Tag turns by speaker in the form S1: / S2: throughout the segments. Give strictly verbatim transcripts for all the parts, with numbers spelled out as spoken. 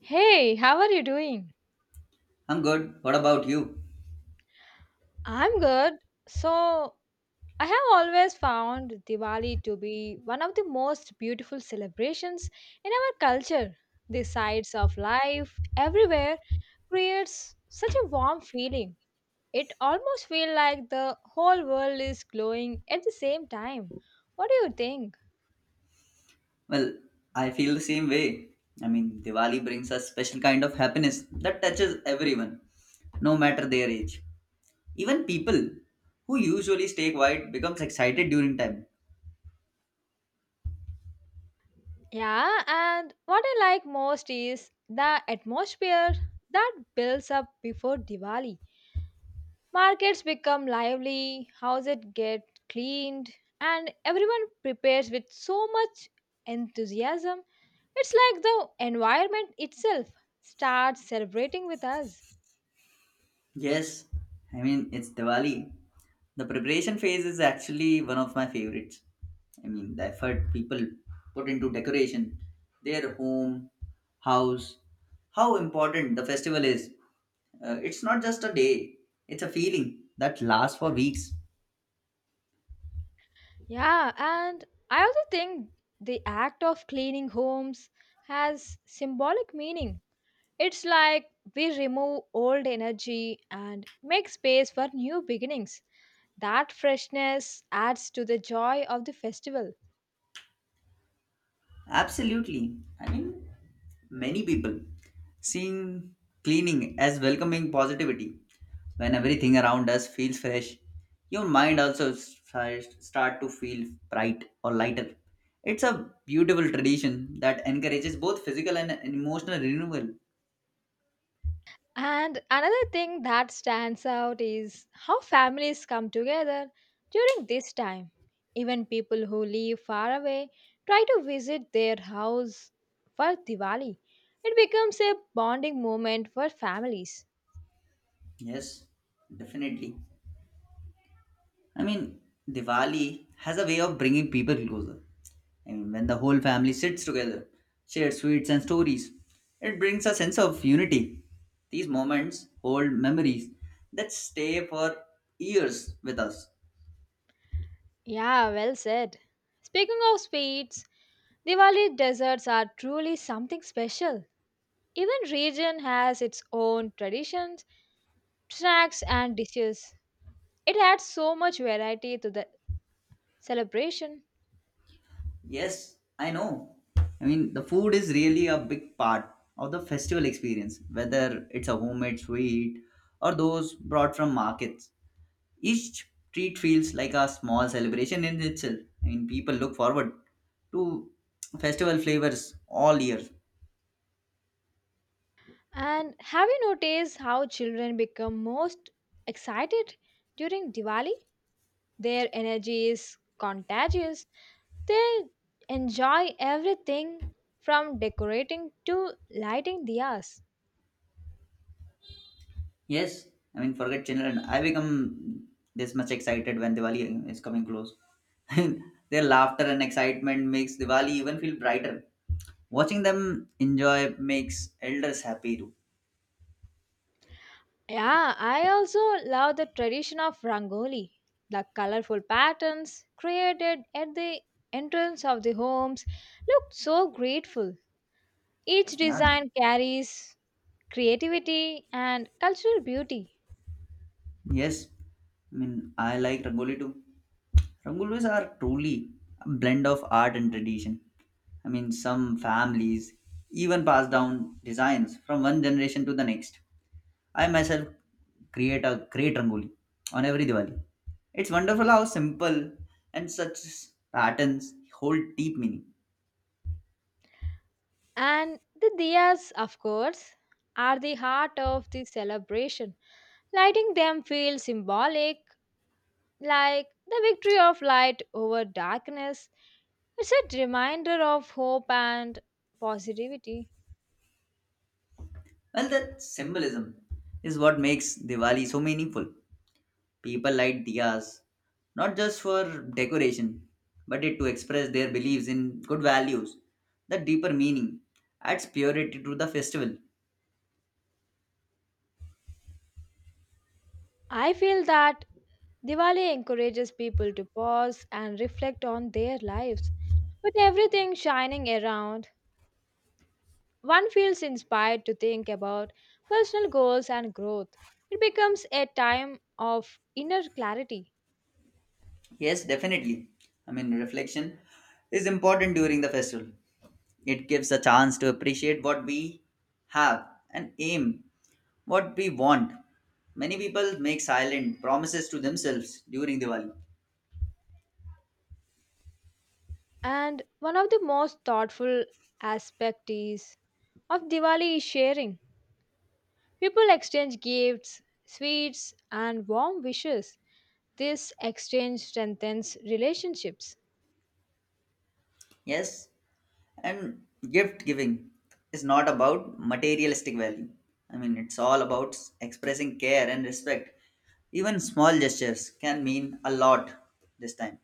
S1: Hey, how are you doing?
S2: I'm good. What about you?
S1: I'm good. So, I have always found Diwali to be one of the most beautiful celebrations in our culture. The sights of life everywhere creates such a warm feeling. It almost feels like the whole world is glowing at the same time. What do you think?
S2: Well, I feel the same way. I mean, Diwali brings a special kind of happiness that touches everyone, no matter their age. Even people who usually stay quiet becomes excited during time.
S1: Yeah, and what I like most is the atmosphere that builds up before Diwali. Markets become lively, houses get cleaned, and everyone prepares with so much enthusiasm. It's like the environment itself starts celebrating with us.
S2: Yes, I mean, it's Diwali. The preparation phase is actually one of my favorites. I mean, the effort people put into decoration, their home, house, how important the festival is. Uh, it's not just a day, it's a feeling that lasts for weeks.
S1: Yeah, and I also think the act of cleaning homes has symbolic meaning. It's like we remove old energy and make space for new beginnings. That freshness adds to the joy of the festival.
S2: Absolutely. I mean, many people seeing cleaning as welcoming positivity. When everything around us feels fresh, your mind also starts start to feel bright or lighter. It's a beautiful tradition that encourages both physical and emotional renewal.
S1: And another thing that stands out is how families come together during this time. Even people who live far away try to visit their house for Diwali. It becomes a bonding moment for families.
S2: Yes, definitely. I mean, Diwali has a way of bringing people closer. I mean, when the whole family sits together, shares sweets and stories, it brings a sense of unity. These moments hold memories that stay for years with us.
S1: Yeah, well said. Speaking of sweets, Diwali desserts are truly something special. Even region has its own traditions, snacks and dishes. It adds so much variety to the celebration.
S2: Yes, I know. I mean, the food is really a big part of the festival experience, whether it's a homemade sweet or those brought from markets. Each treat feels like a small celebration in itself. I mean, people look forward to festival flavors all year.
S1: And have you noticed how children become most excited during Diwali? Their energy is contagious. They enjoy everything from decorating to lighting diyas.
S2: Yes, I mean, forget children. I become this much excited when Diwali is coming close. Their laughter and excitement makes Diwali even feel brighter. Watching them enjoy makes elders happy too.
S1: Yeah, I also love the tradition of Rangoli. The colorful patterns created at the entrance of the homes look so grateful. Each
S2: Yeah.
S1: design carries creativity and cultural beauty.
S2: Yes, I mean, I like Rangoli too. Rangolis are truly a blend of art and tradition. I mean, some families even pass down designs from one generation to the next. I myself create a great Rangoli on every Diwali. It's wonderful how simple and such patterns hold deep meaning.
S1: And the diyas, of course, are the heart of the celebration. Lighting them feels symbolic, like the victory of light over darkness. It's a reminder of hope and positivity.
S2: Well, that symbolism is what makes Diwali so meaningful. People light diyas not just for decoration, but it to express their beliefs in good values. The deeper meaning adds purity to the festival.
S1: I feel that Diwali encourages people to pause and reflect on their lives. With everything shining around, one feels inspired to think about personal goals and growth. It becomes a time of inner clarity.
S2: Yes, definitely. I mean, reflection is important during the festival. It gives a chance to appreciate what we have and aim what we want. Many people make silent promises to themselves during Diwali.
S1: And one of the most thoughtful aspects is of Diwali is sharing. People exchange gifts, sweets, and warm wishes. This exchange strengthens relationships.
S2: Yes, and gift giving is not about materialistic value. I mean, it's all about expressing care and respect. Even small gestures can mean a lot this time.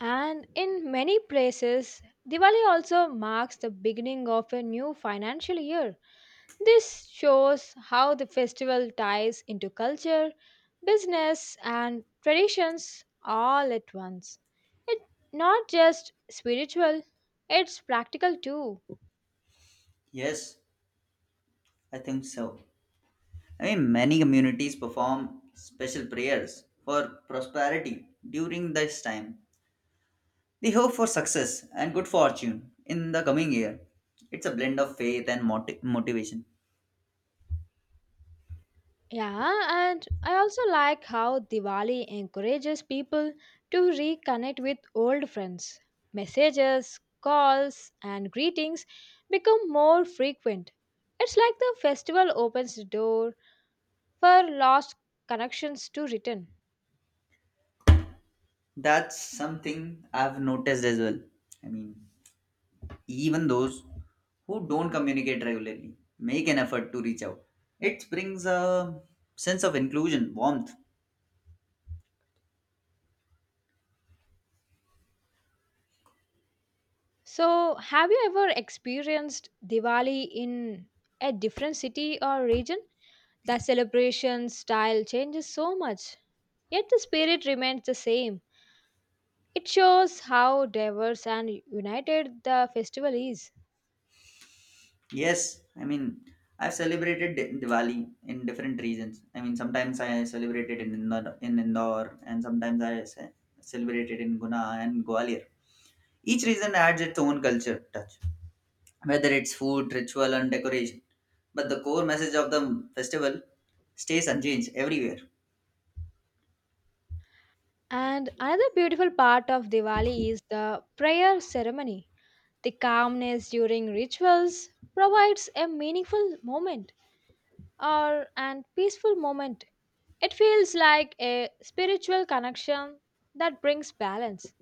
S1: And in many places, Diwali also marks the beginning of a new financial year. This shows how the festival ties into culture, business, and traditions all at once. It's not just spiritual, it's practical too.
S2: Yes, I think so. I mean, many communities perform special prayers for prosperity during this time. They hope for success and good fortune in the coming year. It's a blend of faith and moti- motivation.
S1: Yeah, and I also like how Diwali encourages people to reconnect with old friends. Messages, calls, and greetings become more frequent. It's like the festival opens the door for lost connections to return.
S2: That's something I've noticed as well. I mean, even those who don't communicate regularly make an effort to reach out. It brings a sense of inclusion, warmth.
S1: So, have you ever experienced Diwali in a different city or region? The celebration style changes so much, yet the spirit remains the same. It shows how diverse and united the festival is.
S2: Yes, I mean, I've celebrated Di- Diwali in different regions. I mean, sometimes I celebrated in Indore, in Indore and sometimes I ce- celebrated in Guna and Gwalior. Each region adds its own culture touch, whether it's food, ritual, and decoration. But the core message of the festival stays unchanged everywhere.
S1: And another beautiful part of Diwali is the prayer ceremony. The calmness during rituals provides a meaningful moment or an peaceful moment. It feels like a spiritual connection that brings balance.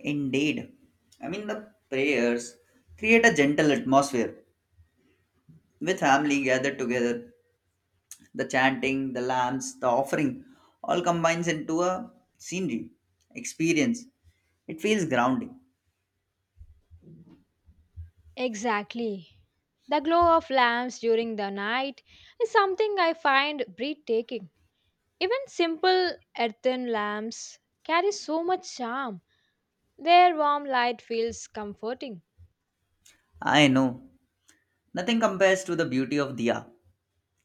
S2: Indeed. I mean, the prayers create a gentle atmosphere with family gathered together. The chanting, the lamps, the offering all combines into a scenery experience. It feels grounding.
S1: Exactly. The glow of lamps during the night is something I find breathtaking. Even simple earthen lamps carry so much charm. Their warm light feels comforting.
S2: I know. Nothing compares to the beauty of Diya.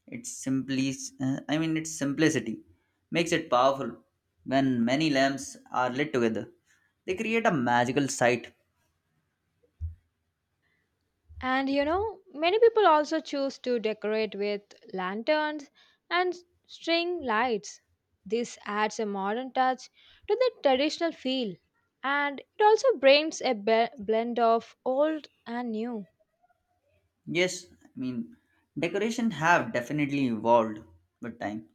S2: It's simply, uh, I mean, its simplicity makes it powerful. When many lamps are lit together, they create a magical sight.
S1: And you know, many people also choose to decorate with lanterns and string lights. This adds a modern touch to the traditional feel and it also brings a be- blend of old and new.
S2: Yes, I mean decoration have definitely evolved with time,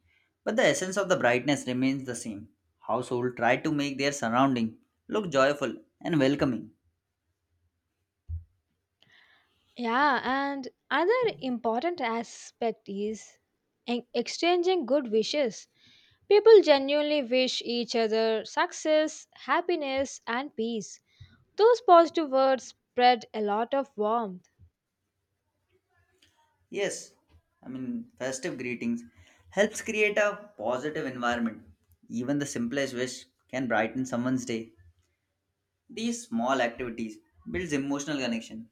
S2: but the essence of the brightness remains the same. Household try to make their surrounding look joyful and welcoming.
S1: Yeah, and another important aspect is en- exchanging good wishes. People genuinely wish each other success, happiness, and peace. Those positive words spread a lot of warmth.
S2: Yes, I mean festive greetings helps create a positive environment. Even the simplest wish can brighten someone's day. These small activities builds emotional connection.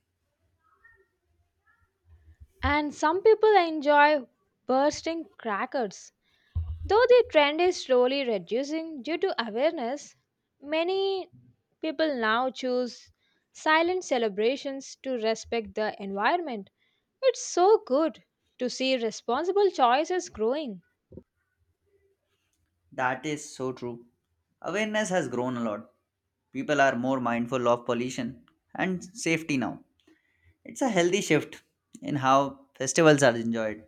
S1: And some people enjoy bursting crackers. Though the trend is slowly reducing due to awareness, many people now choose silent celebrations to respect the environment. It's so good to see responsible choices growing.
S2: That is so true. Awareness has grown a lot. People are more mindful of pollution and safety now. It's a healthy shift in how festivals are enjoyed.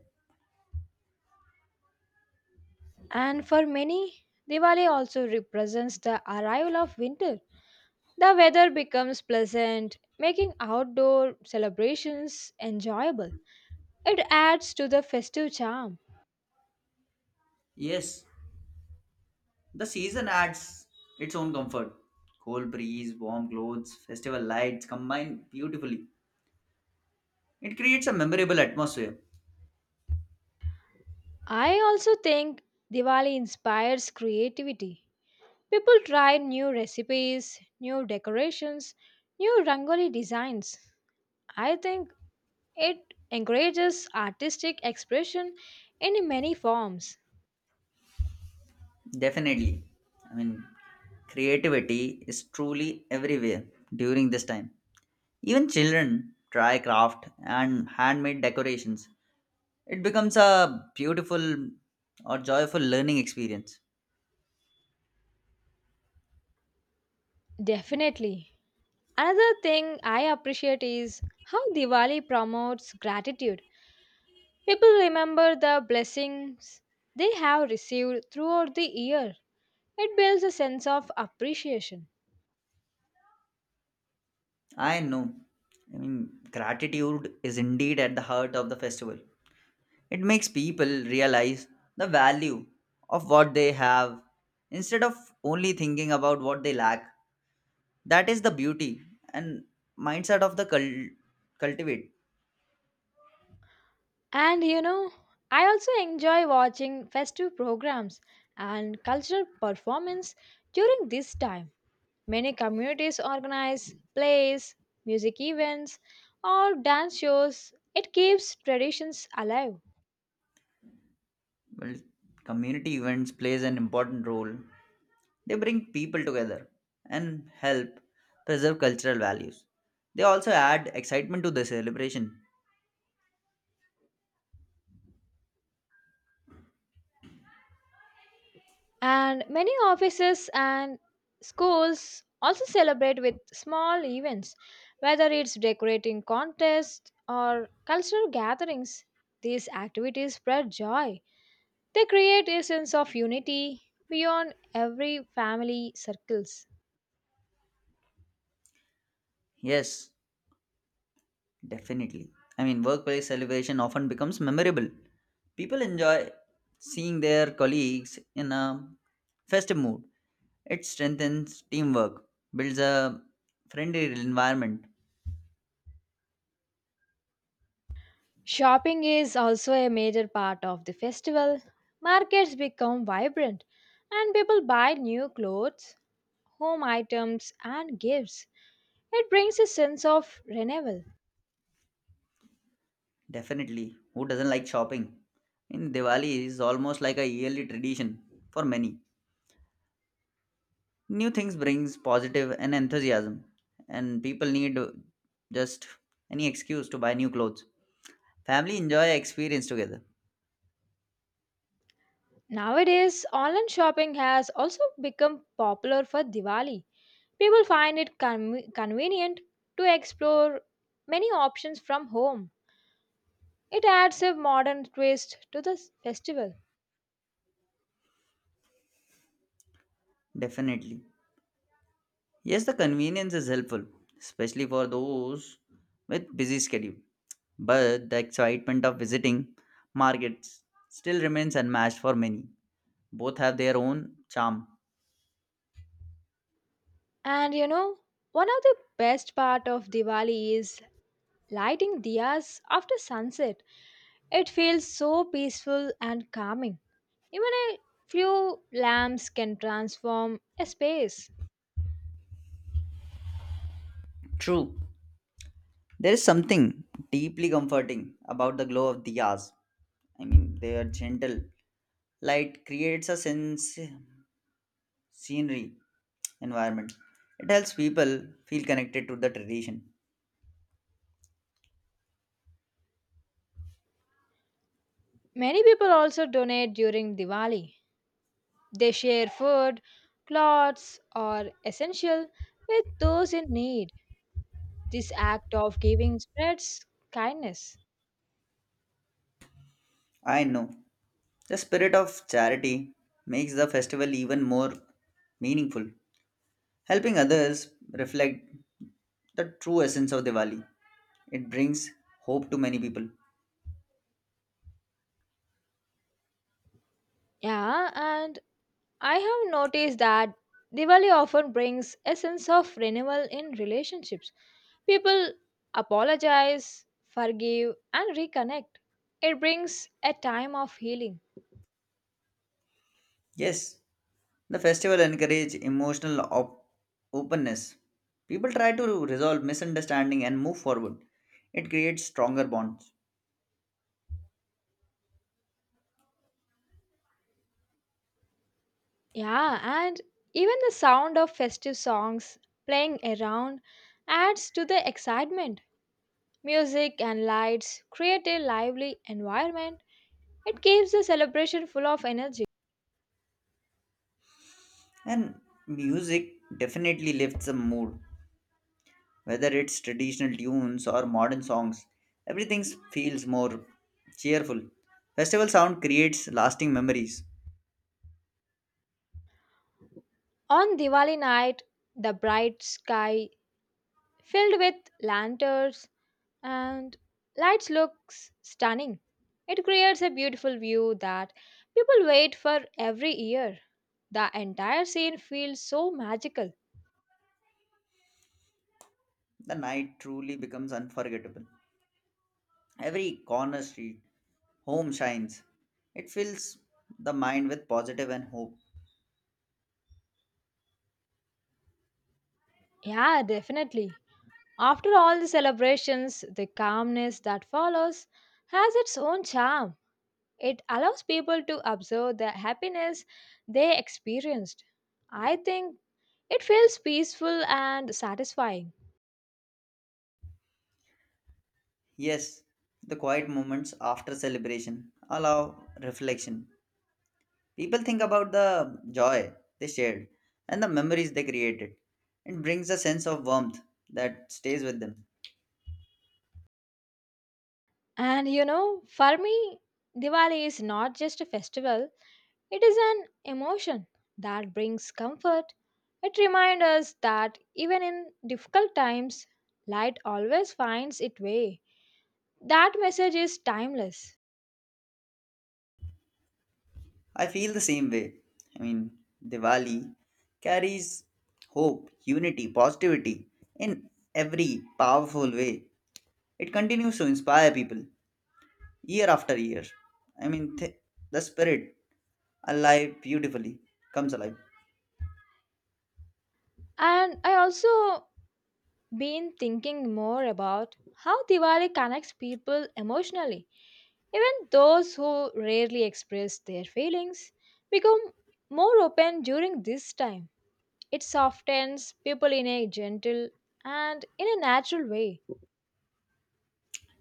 S1: And for many, Diwali also represents the arrival of winter. The weather becomes pleasant, making outdoor celebrations enjoyable. It adds to the festive charm.
S2: Yes, the season adds its own comfort. Cool breeze, warm clothes, festival lights combine beautifully. It creates a memorable atmosphere.
S1: I also think Diwali inspires creativity. People try new recipes, new decorations, new rangoli designs. I think it encourages artistic expression in many forms.
S2: Definitely. I mean, creativity is truly everywhere during this time. Even children try craft and handmade decorations. It becomes a beautiful or joyful learning experience.
S1: Definitely. Another thing I appreciate is how Diwali promotes gratitude. People remember the blessings they have received throughout the year. It builds a sense of appreciation.
S2: I know. I mean, gratitude is indeed at the heart of the festival. It makes people realize the value of what they have instead of only thinking about what they lack. That is the beauty and mindset of the cul- cultivate.
S1: And you know, I also enjoy watching festive programs and cultural performance during this time. Many communities organize plays, music events, or dance shows. It keeps traditions alive.
S2: Well, community events plays an important role. They bring people together and help preserve cultural values. They also add excitement to the celebration.
S1: And many offices and schools also celebrate with small events, whether it's decorating contests or cultural gatherings. These activities spread joy. They create a sense of unity beyond every family circles.
S2: Yes, definitely. I mean, workplace celebration often becomes memorable. People enjoy seeing their colleagues in a festive mood. It strengthens teamwork, builds a friendly environment.
S1: Shopping is also a major part of the festival. Markets become vibrant and people buy new clothes, home items, and gifts. It brings a sense of renewal.
S2: Definitely. Who doesn't like shopping? In Diwali is almost like a yearly tradition for many. New things brings positive and enthusiasm, and people need just any excuse to buy new clothes. Family enjoy experience together.
S1: Nowadays, online shopping has also become popular for Diwali. People find it con- convenient to explore many options from home. It adds a modern twist to the festival.
S2: Definitely. Yes, the convenience is helpful, especially for those with busy schedule. But the excitement of visiting markets still remains unmatched for many. Both have their own charm.
S1: And you know, one of the best part of Diwali is lighting diyas after sunset. It feels so peaceful and calming. Even a few lamps can transform a space.
S2: True, there is something deeply comforting about the glow of diyas. I mean, they are gentle. Light creates a sense scenery environment. It helps people feel connected to the tradition.
S1: Many people also donate during Diwali. They share food, clothes, or essential with those in need. This act of giving spreads kindness.
S2: I know. The spirit of charity makes the festival even more meaningful, helping others reflect the true essence of Diwali. It brings hope to many people.
S1: Yeah, and I have noticed that Diwali often brings a sense of renewal in relationships. People apologize, forgive, and reconnect. It brings a time of healing.
S2: Yes, the festival encourages emotional op- openness. People try to resolve misunderstanding and move forward. It creates stronger bonds.
S1: Yeah, and even the sound of festive songs playing around adds to the excitement. Music and lights create a lively environment. It keeps the celebration full of energy.
S2: And music definitely lifts the mood. Whether it's traditional tunes or modern songs, everything feels more cheerful. Festival sound creates lasting memories.
S1: On Diwali night, the bright sky filled with lanterns and lights looks stunning. It creates a beautiful view that people wait for every year. The entire scene feels so magical.
S2: The night truly becomes unforgettable. Every corner street, home shines. It fills the mind with positive and hope.
S1: Yeah, definitely. After all the celebrations, the calmness that follows has its own charm. It allows people to observe the happiness they experienced. I think it feels peaceful and satisfying.
S2: Yes, the quiet moments after celebration allow reflection. People think about the joy they shared and the memories they created. It brings a sense of warmth that stays with them.
S1: And you know, for me, Diwali is not just a festival, it is an emotion that brings comfort. It reminds us that even in difficult times, light always finds its way. That message is timeless.
S2: I feel the same way. I mean, Diwali carries hope, unity, positivity in every powerful way. It continues to inspire people year after year. I mean, th- the spirit, alive beautifully, comes alive.
S1: And I also been thinking more about how Diwali connects people emotionally. Even those who rarely express their feelings become more open during this time. It softens people in a gentle and in a natural way.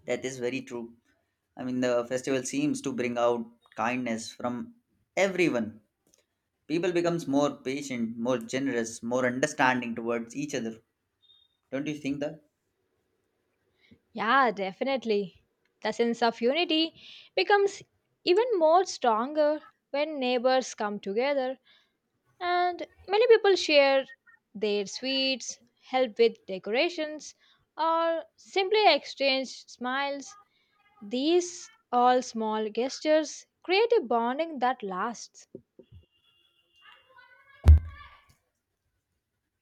S2: That is very true. I mean, the festival seems to bring out kindness from everyone. People becomes more patient, more generous, more understanding towards each other. Don't you think that?
S1: Yeah, definitely. The sense of unity becomes even more stronger when neighbors come together and many people share their sweets, help with decorations, or simply exchange smiles. These all small gestures create a bonding that lasts.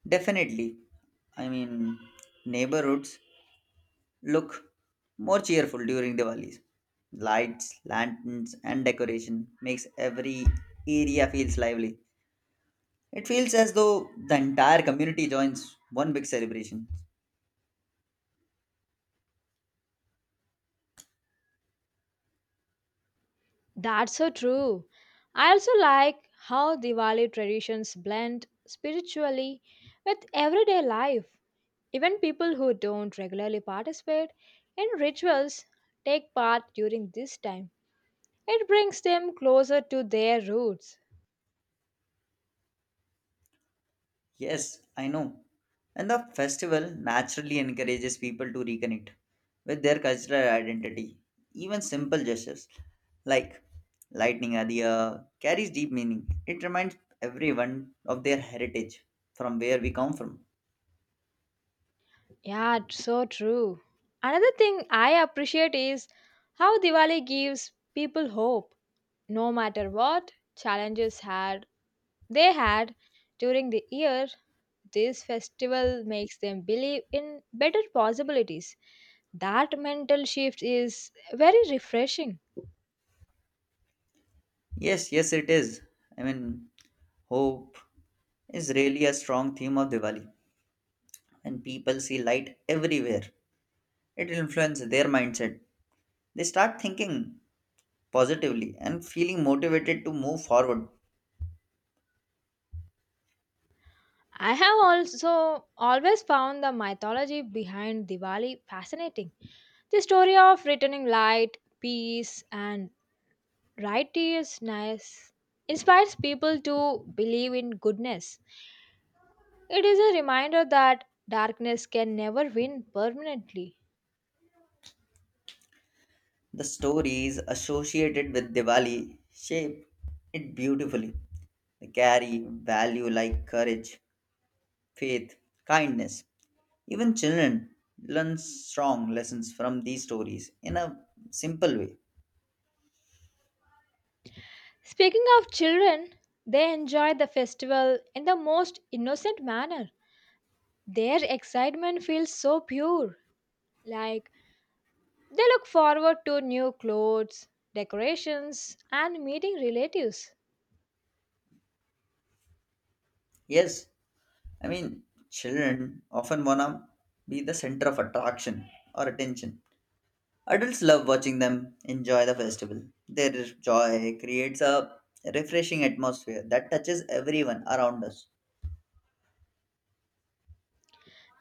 S2: Definitely. I mean, neighborhoods look more cheerful during Diwali's. Lights, lanterns, and decoration makes every area feels lively. It feels as though the entire community joins one big celebration.
S1: That's so true. I also like how Diwali traditions blend spiritually with everyday life. Even people who don't regularly participate in rituals take part during this time. It brings them closer to their roots.
S2: Yes, I know. And the festival naturally encourages people to reconnect with their cultural identity. Even simple gestures like lightning adhiya carries deep meaning. It reminds everyone of their heritage from where we come from.
S1: Yeah, it's so true. Another thing I appreciate is how Diwali gives people hope. No matter what challenges had they had during the year, this festival makes them believe in better possibilities. That mental shift is very refreshing.
S2: Yes, yes, it is. I mean, hope is really a strong theme of Diwali. When people see light everywhere, it influences their mindset. They start thinking positively and feeling motivated to move forward.
S1: I have also always found the mythology behind Diwali fascinating. The story of returning light, peace, and righteousness inspires people to believe in goodness. It is a reminder that darkness can never win permanently.
S2: The stories associated with Diwali shape it beautifully. They carry value like courage, faith, kindness. Even children learn strong lessons from these stories in a simple way.
S1: Speaking of children, they enjoy the festival in the most innocent manner. Their excitement feels so pure, like they look forward to new clothes, decorations, and meeting relatives.
S2: Yes, I mean, children often wanna be the center of attraction or attention. Adults love watching them enjoy the festival. Their joy creates a refreshing atmosphere that touches everyone around us.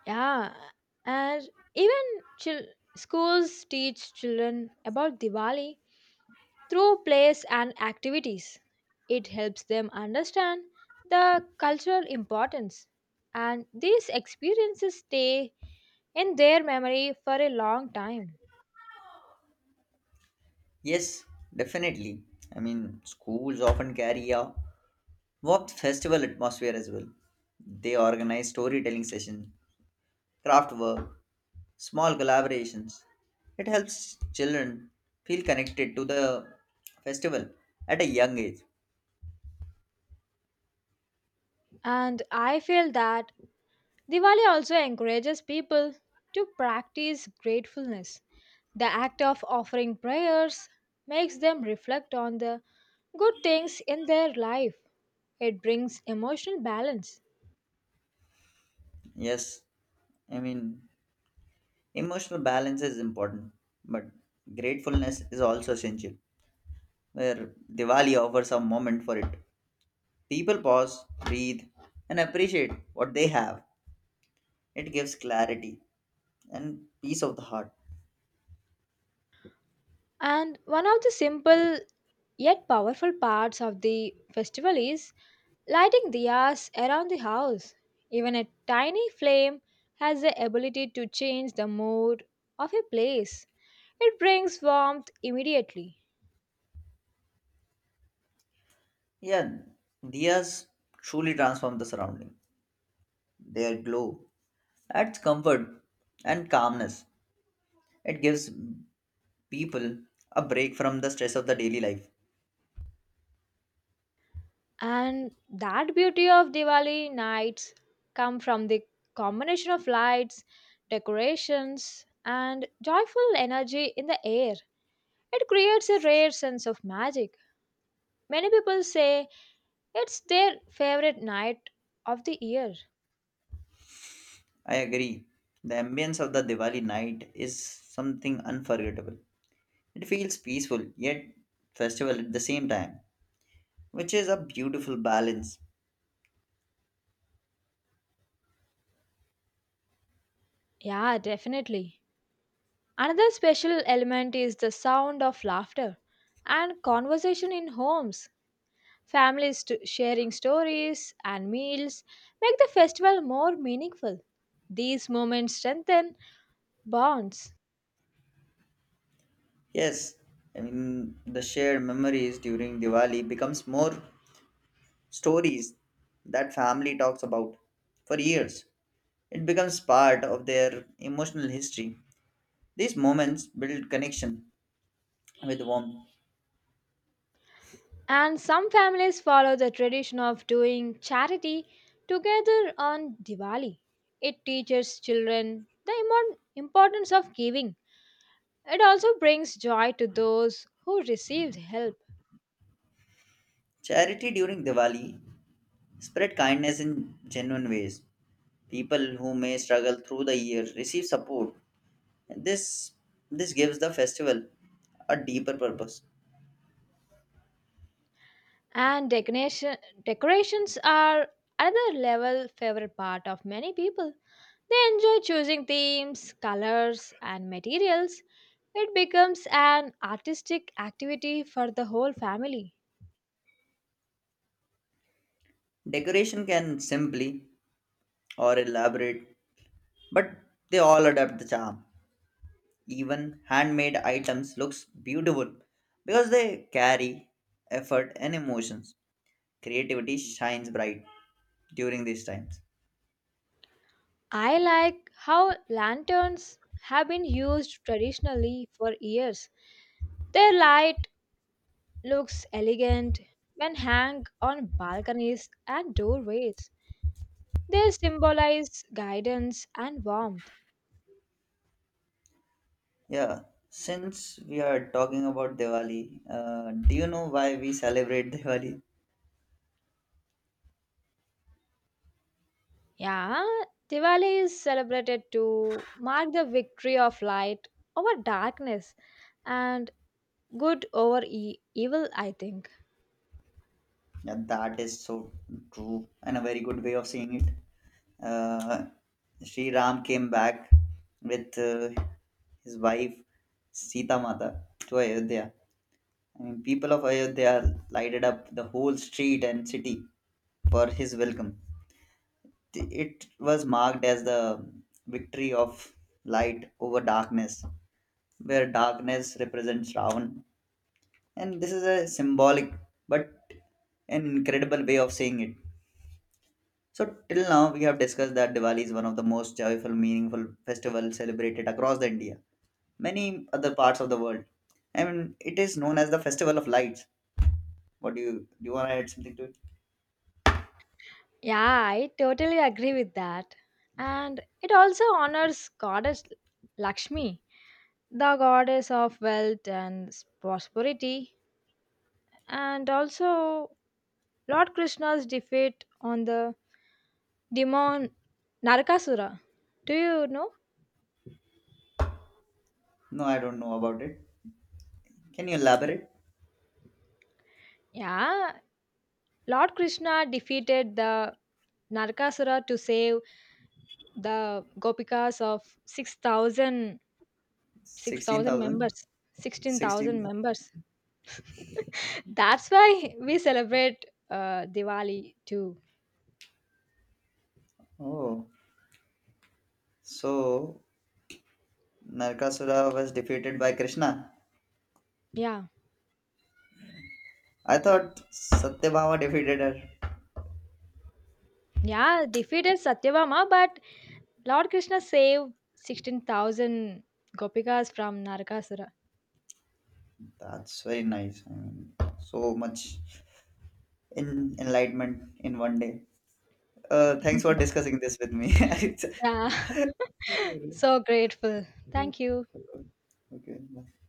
S1: Yeah, and even chil- schools teach children about Diwali through plays and activities. It helps them understand the cultural importance, and these experiences stay in their memory for a long time.
S2: Yes, definitely. I mean, schools often carry a warped festival atmosphere as well. They organize storytelling sessions, craft work, small collaborations. It helps children feel connected to the festival at a young age.
S1: And I feel that Diwali also encourages people to practice gratefulness. The act of offering prayers makes them reflect on the good things in their life. It brings emotional balance.
S2: Yes, I mean, emotional balance is important, but gratefulness is also essential. Where Diwali offers a moment for it. People pause, breathe, and appreciate what they have. It gives clarity and peace of the heart.
S1: And one of the simple yet powerful parts of the festival is lighting diyas around the house. Even a tiny flame has the ability to change the mood of a place. It brings warmth immediately.
S2: Yeah, diyas truly transform the surrounding. Their glow adds comfort and calmness. It gives people a break from the stress of the daily life.
S1: And that beauty of Diwali nights come from the combination of lights, decorations, and joyful energy in the air. It creates a rare sense of magic. Many people say it's their favorite night of the year.
S2: I agree. The ambience of the Diwali night is something unforgettable. It feels peaceful yet festival at the same time, which is a beautiful balance.
S1: Yeah, definitely. Another special element is the sound of laughter and conversation in homes. Families st- sharing stories and meals make the festival more meaningful. These moments strengthen bonds.
S2: Yes, I mean the shared memories during Diwali becomes more stories that family talks about for years. It becomes part of their emotional history. These moments build connection with warmth.
S1: And some families follow the tradition of doing charity together on Diwali. It teaches children the imo- importance of giving. It also brings joy to those who receive help.
S2: Charity during Diwali spread kindness in genuine ways. People who may struggle through the year receive support. This this gives the festival a deeper purpose.
S1: And decoration- decorations are another level favorite part of many people. They enjoy choosing themes, colors, and materials. It becomes an artistic activity for the whole family.
S2: Decoration can simply or elaborate, but they all adapt the charm. Even handmade items looks beautiful because they carry effort and emotions. Creativity shines bright during these times.
S1: I like how lanterns have been used traditionally for years. Their light looks elegant when hung on balconies and doorways. They symbolize guidance and warmth.
S2: Yeah, since we are talking about Diwali, uh, do you know why we celebrate Diwali?
S1: Yeah, Diwali is celebrated to mark the victory of light over darkness and good over e- evil, I think.
S2: Yeah, that is so true and a very good way of seeing it. Uh, Sri Ram came back with uh, his wife Sita Mata to Ayodhya. I mean, people of Ayodhya lighted up the whole street and city for his welcome. It was marked as the victory of light over darkness, where darkness represents Ravan. And this is a symbolic but an incredible way of saying it. So till now we have discussed that Diwali is one of the most joyful, meaningful festivals celebrated across the India, many other parts of the world. I mean, it is known as the Festival of Lights. What do you do? You want to add something to it?
S1: Yeah, I totally agree with that. And it also honors goddess Lakshmi, the goddess of wealth and prosperity, and also Lord Krishna's defeat on the demon Narakasura. Do you know?
S2: No, I don't know about it. Can you elaborate?
S1: Yeah, Lord Krishna defeated the Narakasura to save the gopikas of six thousand, six
S2: Sixteen
S1: thousand
S2: thousand.
S1: members.
S2: Sixteen.
S1: sixteen thousand members.
S2: thousand.
S1: That's why we celebrate uh, Diwali too.
S2: Oh, so Narkasura was defeated by Krishna.
S1: Yeah.
S2: I thought Satyabhama defeated her.
S1: Yeah, defeated Satyabama, but Lord Krishna saved sixteen thousand gopikas from Narakasura.
S2: That's very nice. I mean, so much in enlightenment in one day. Uh, thanks for discussing this with me. It's—
S1: Yeah.
S2: Yeah.
S1: so grateful. Thank you.
S2: Okay. Bye.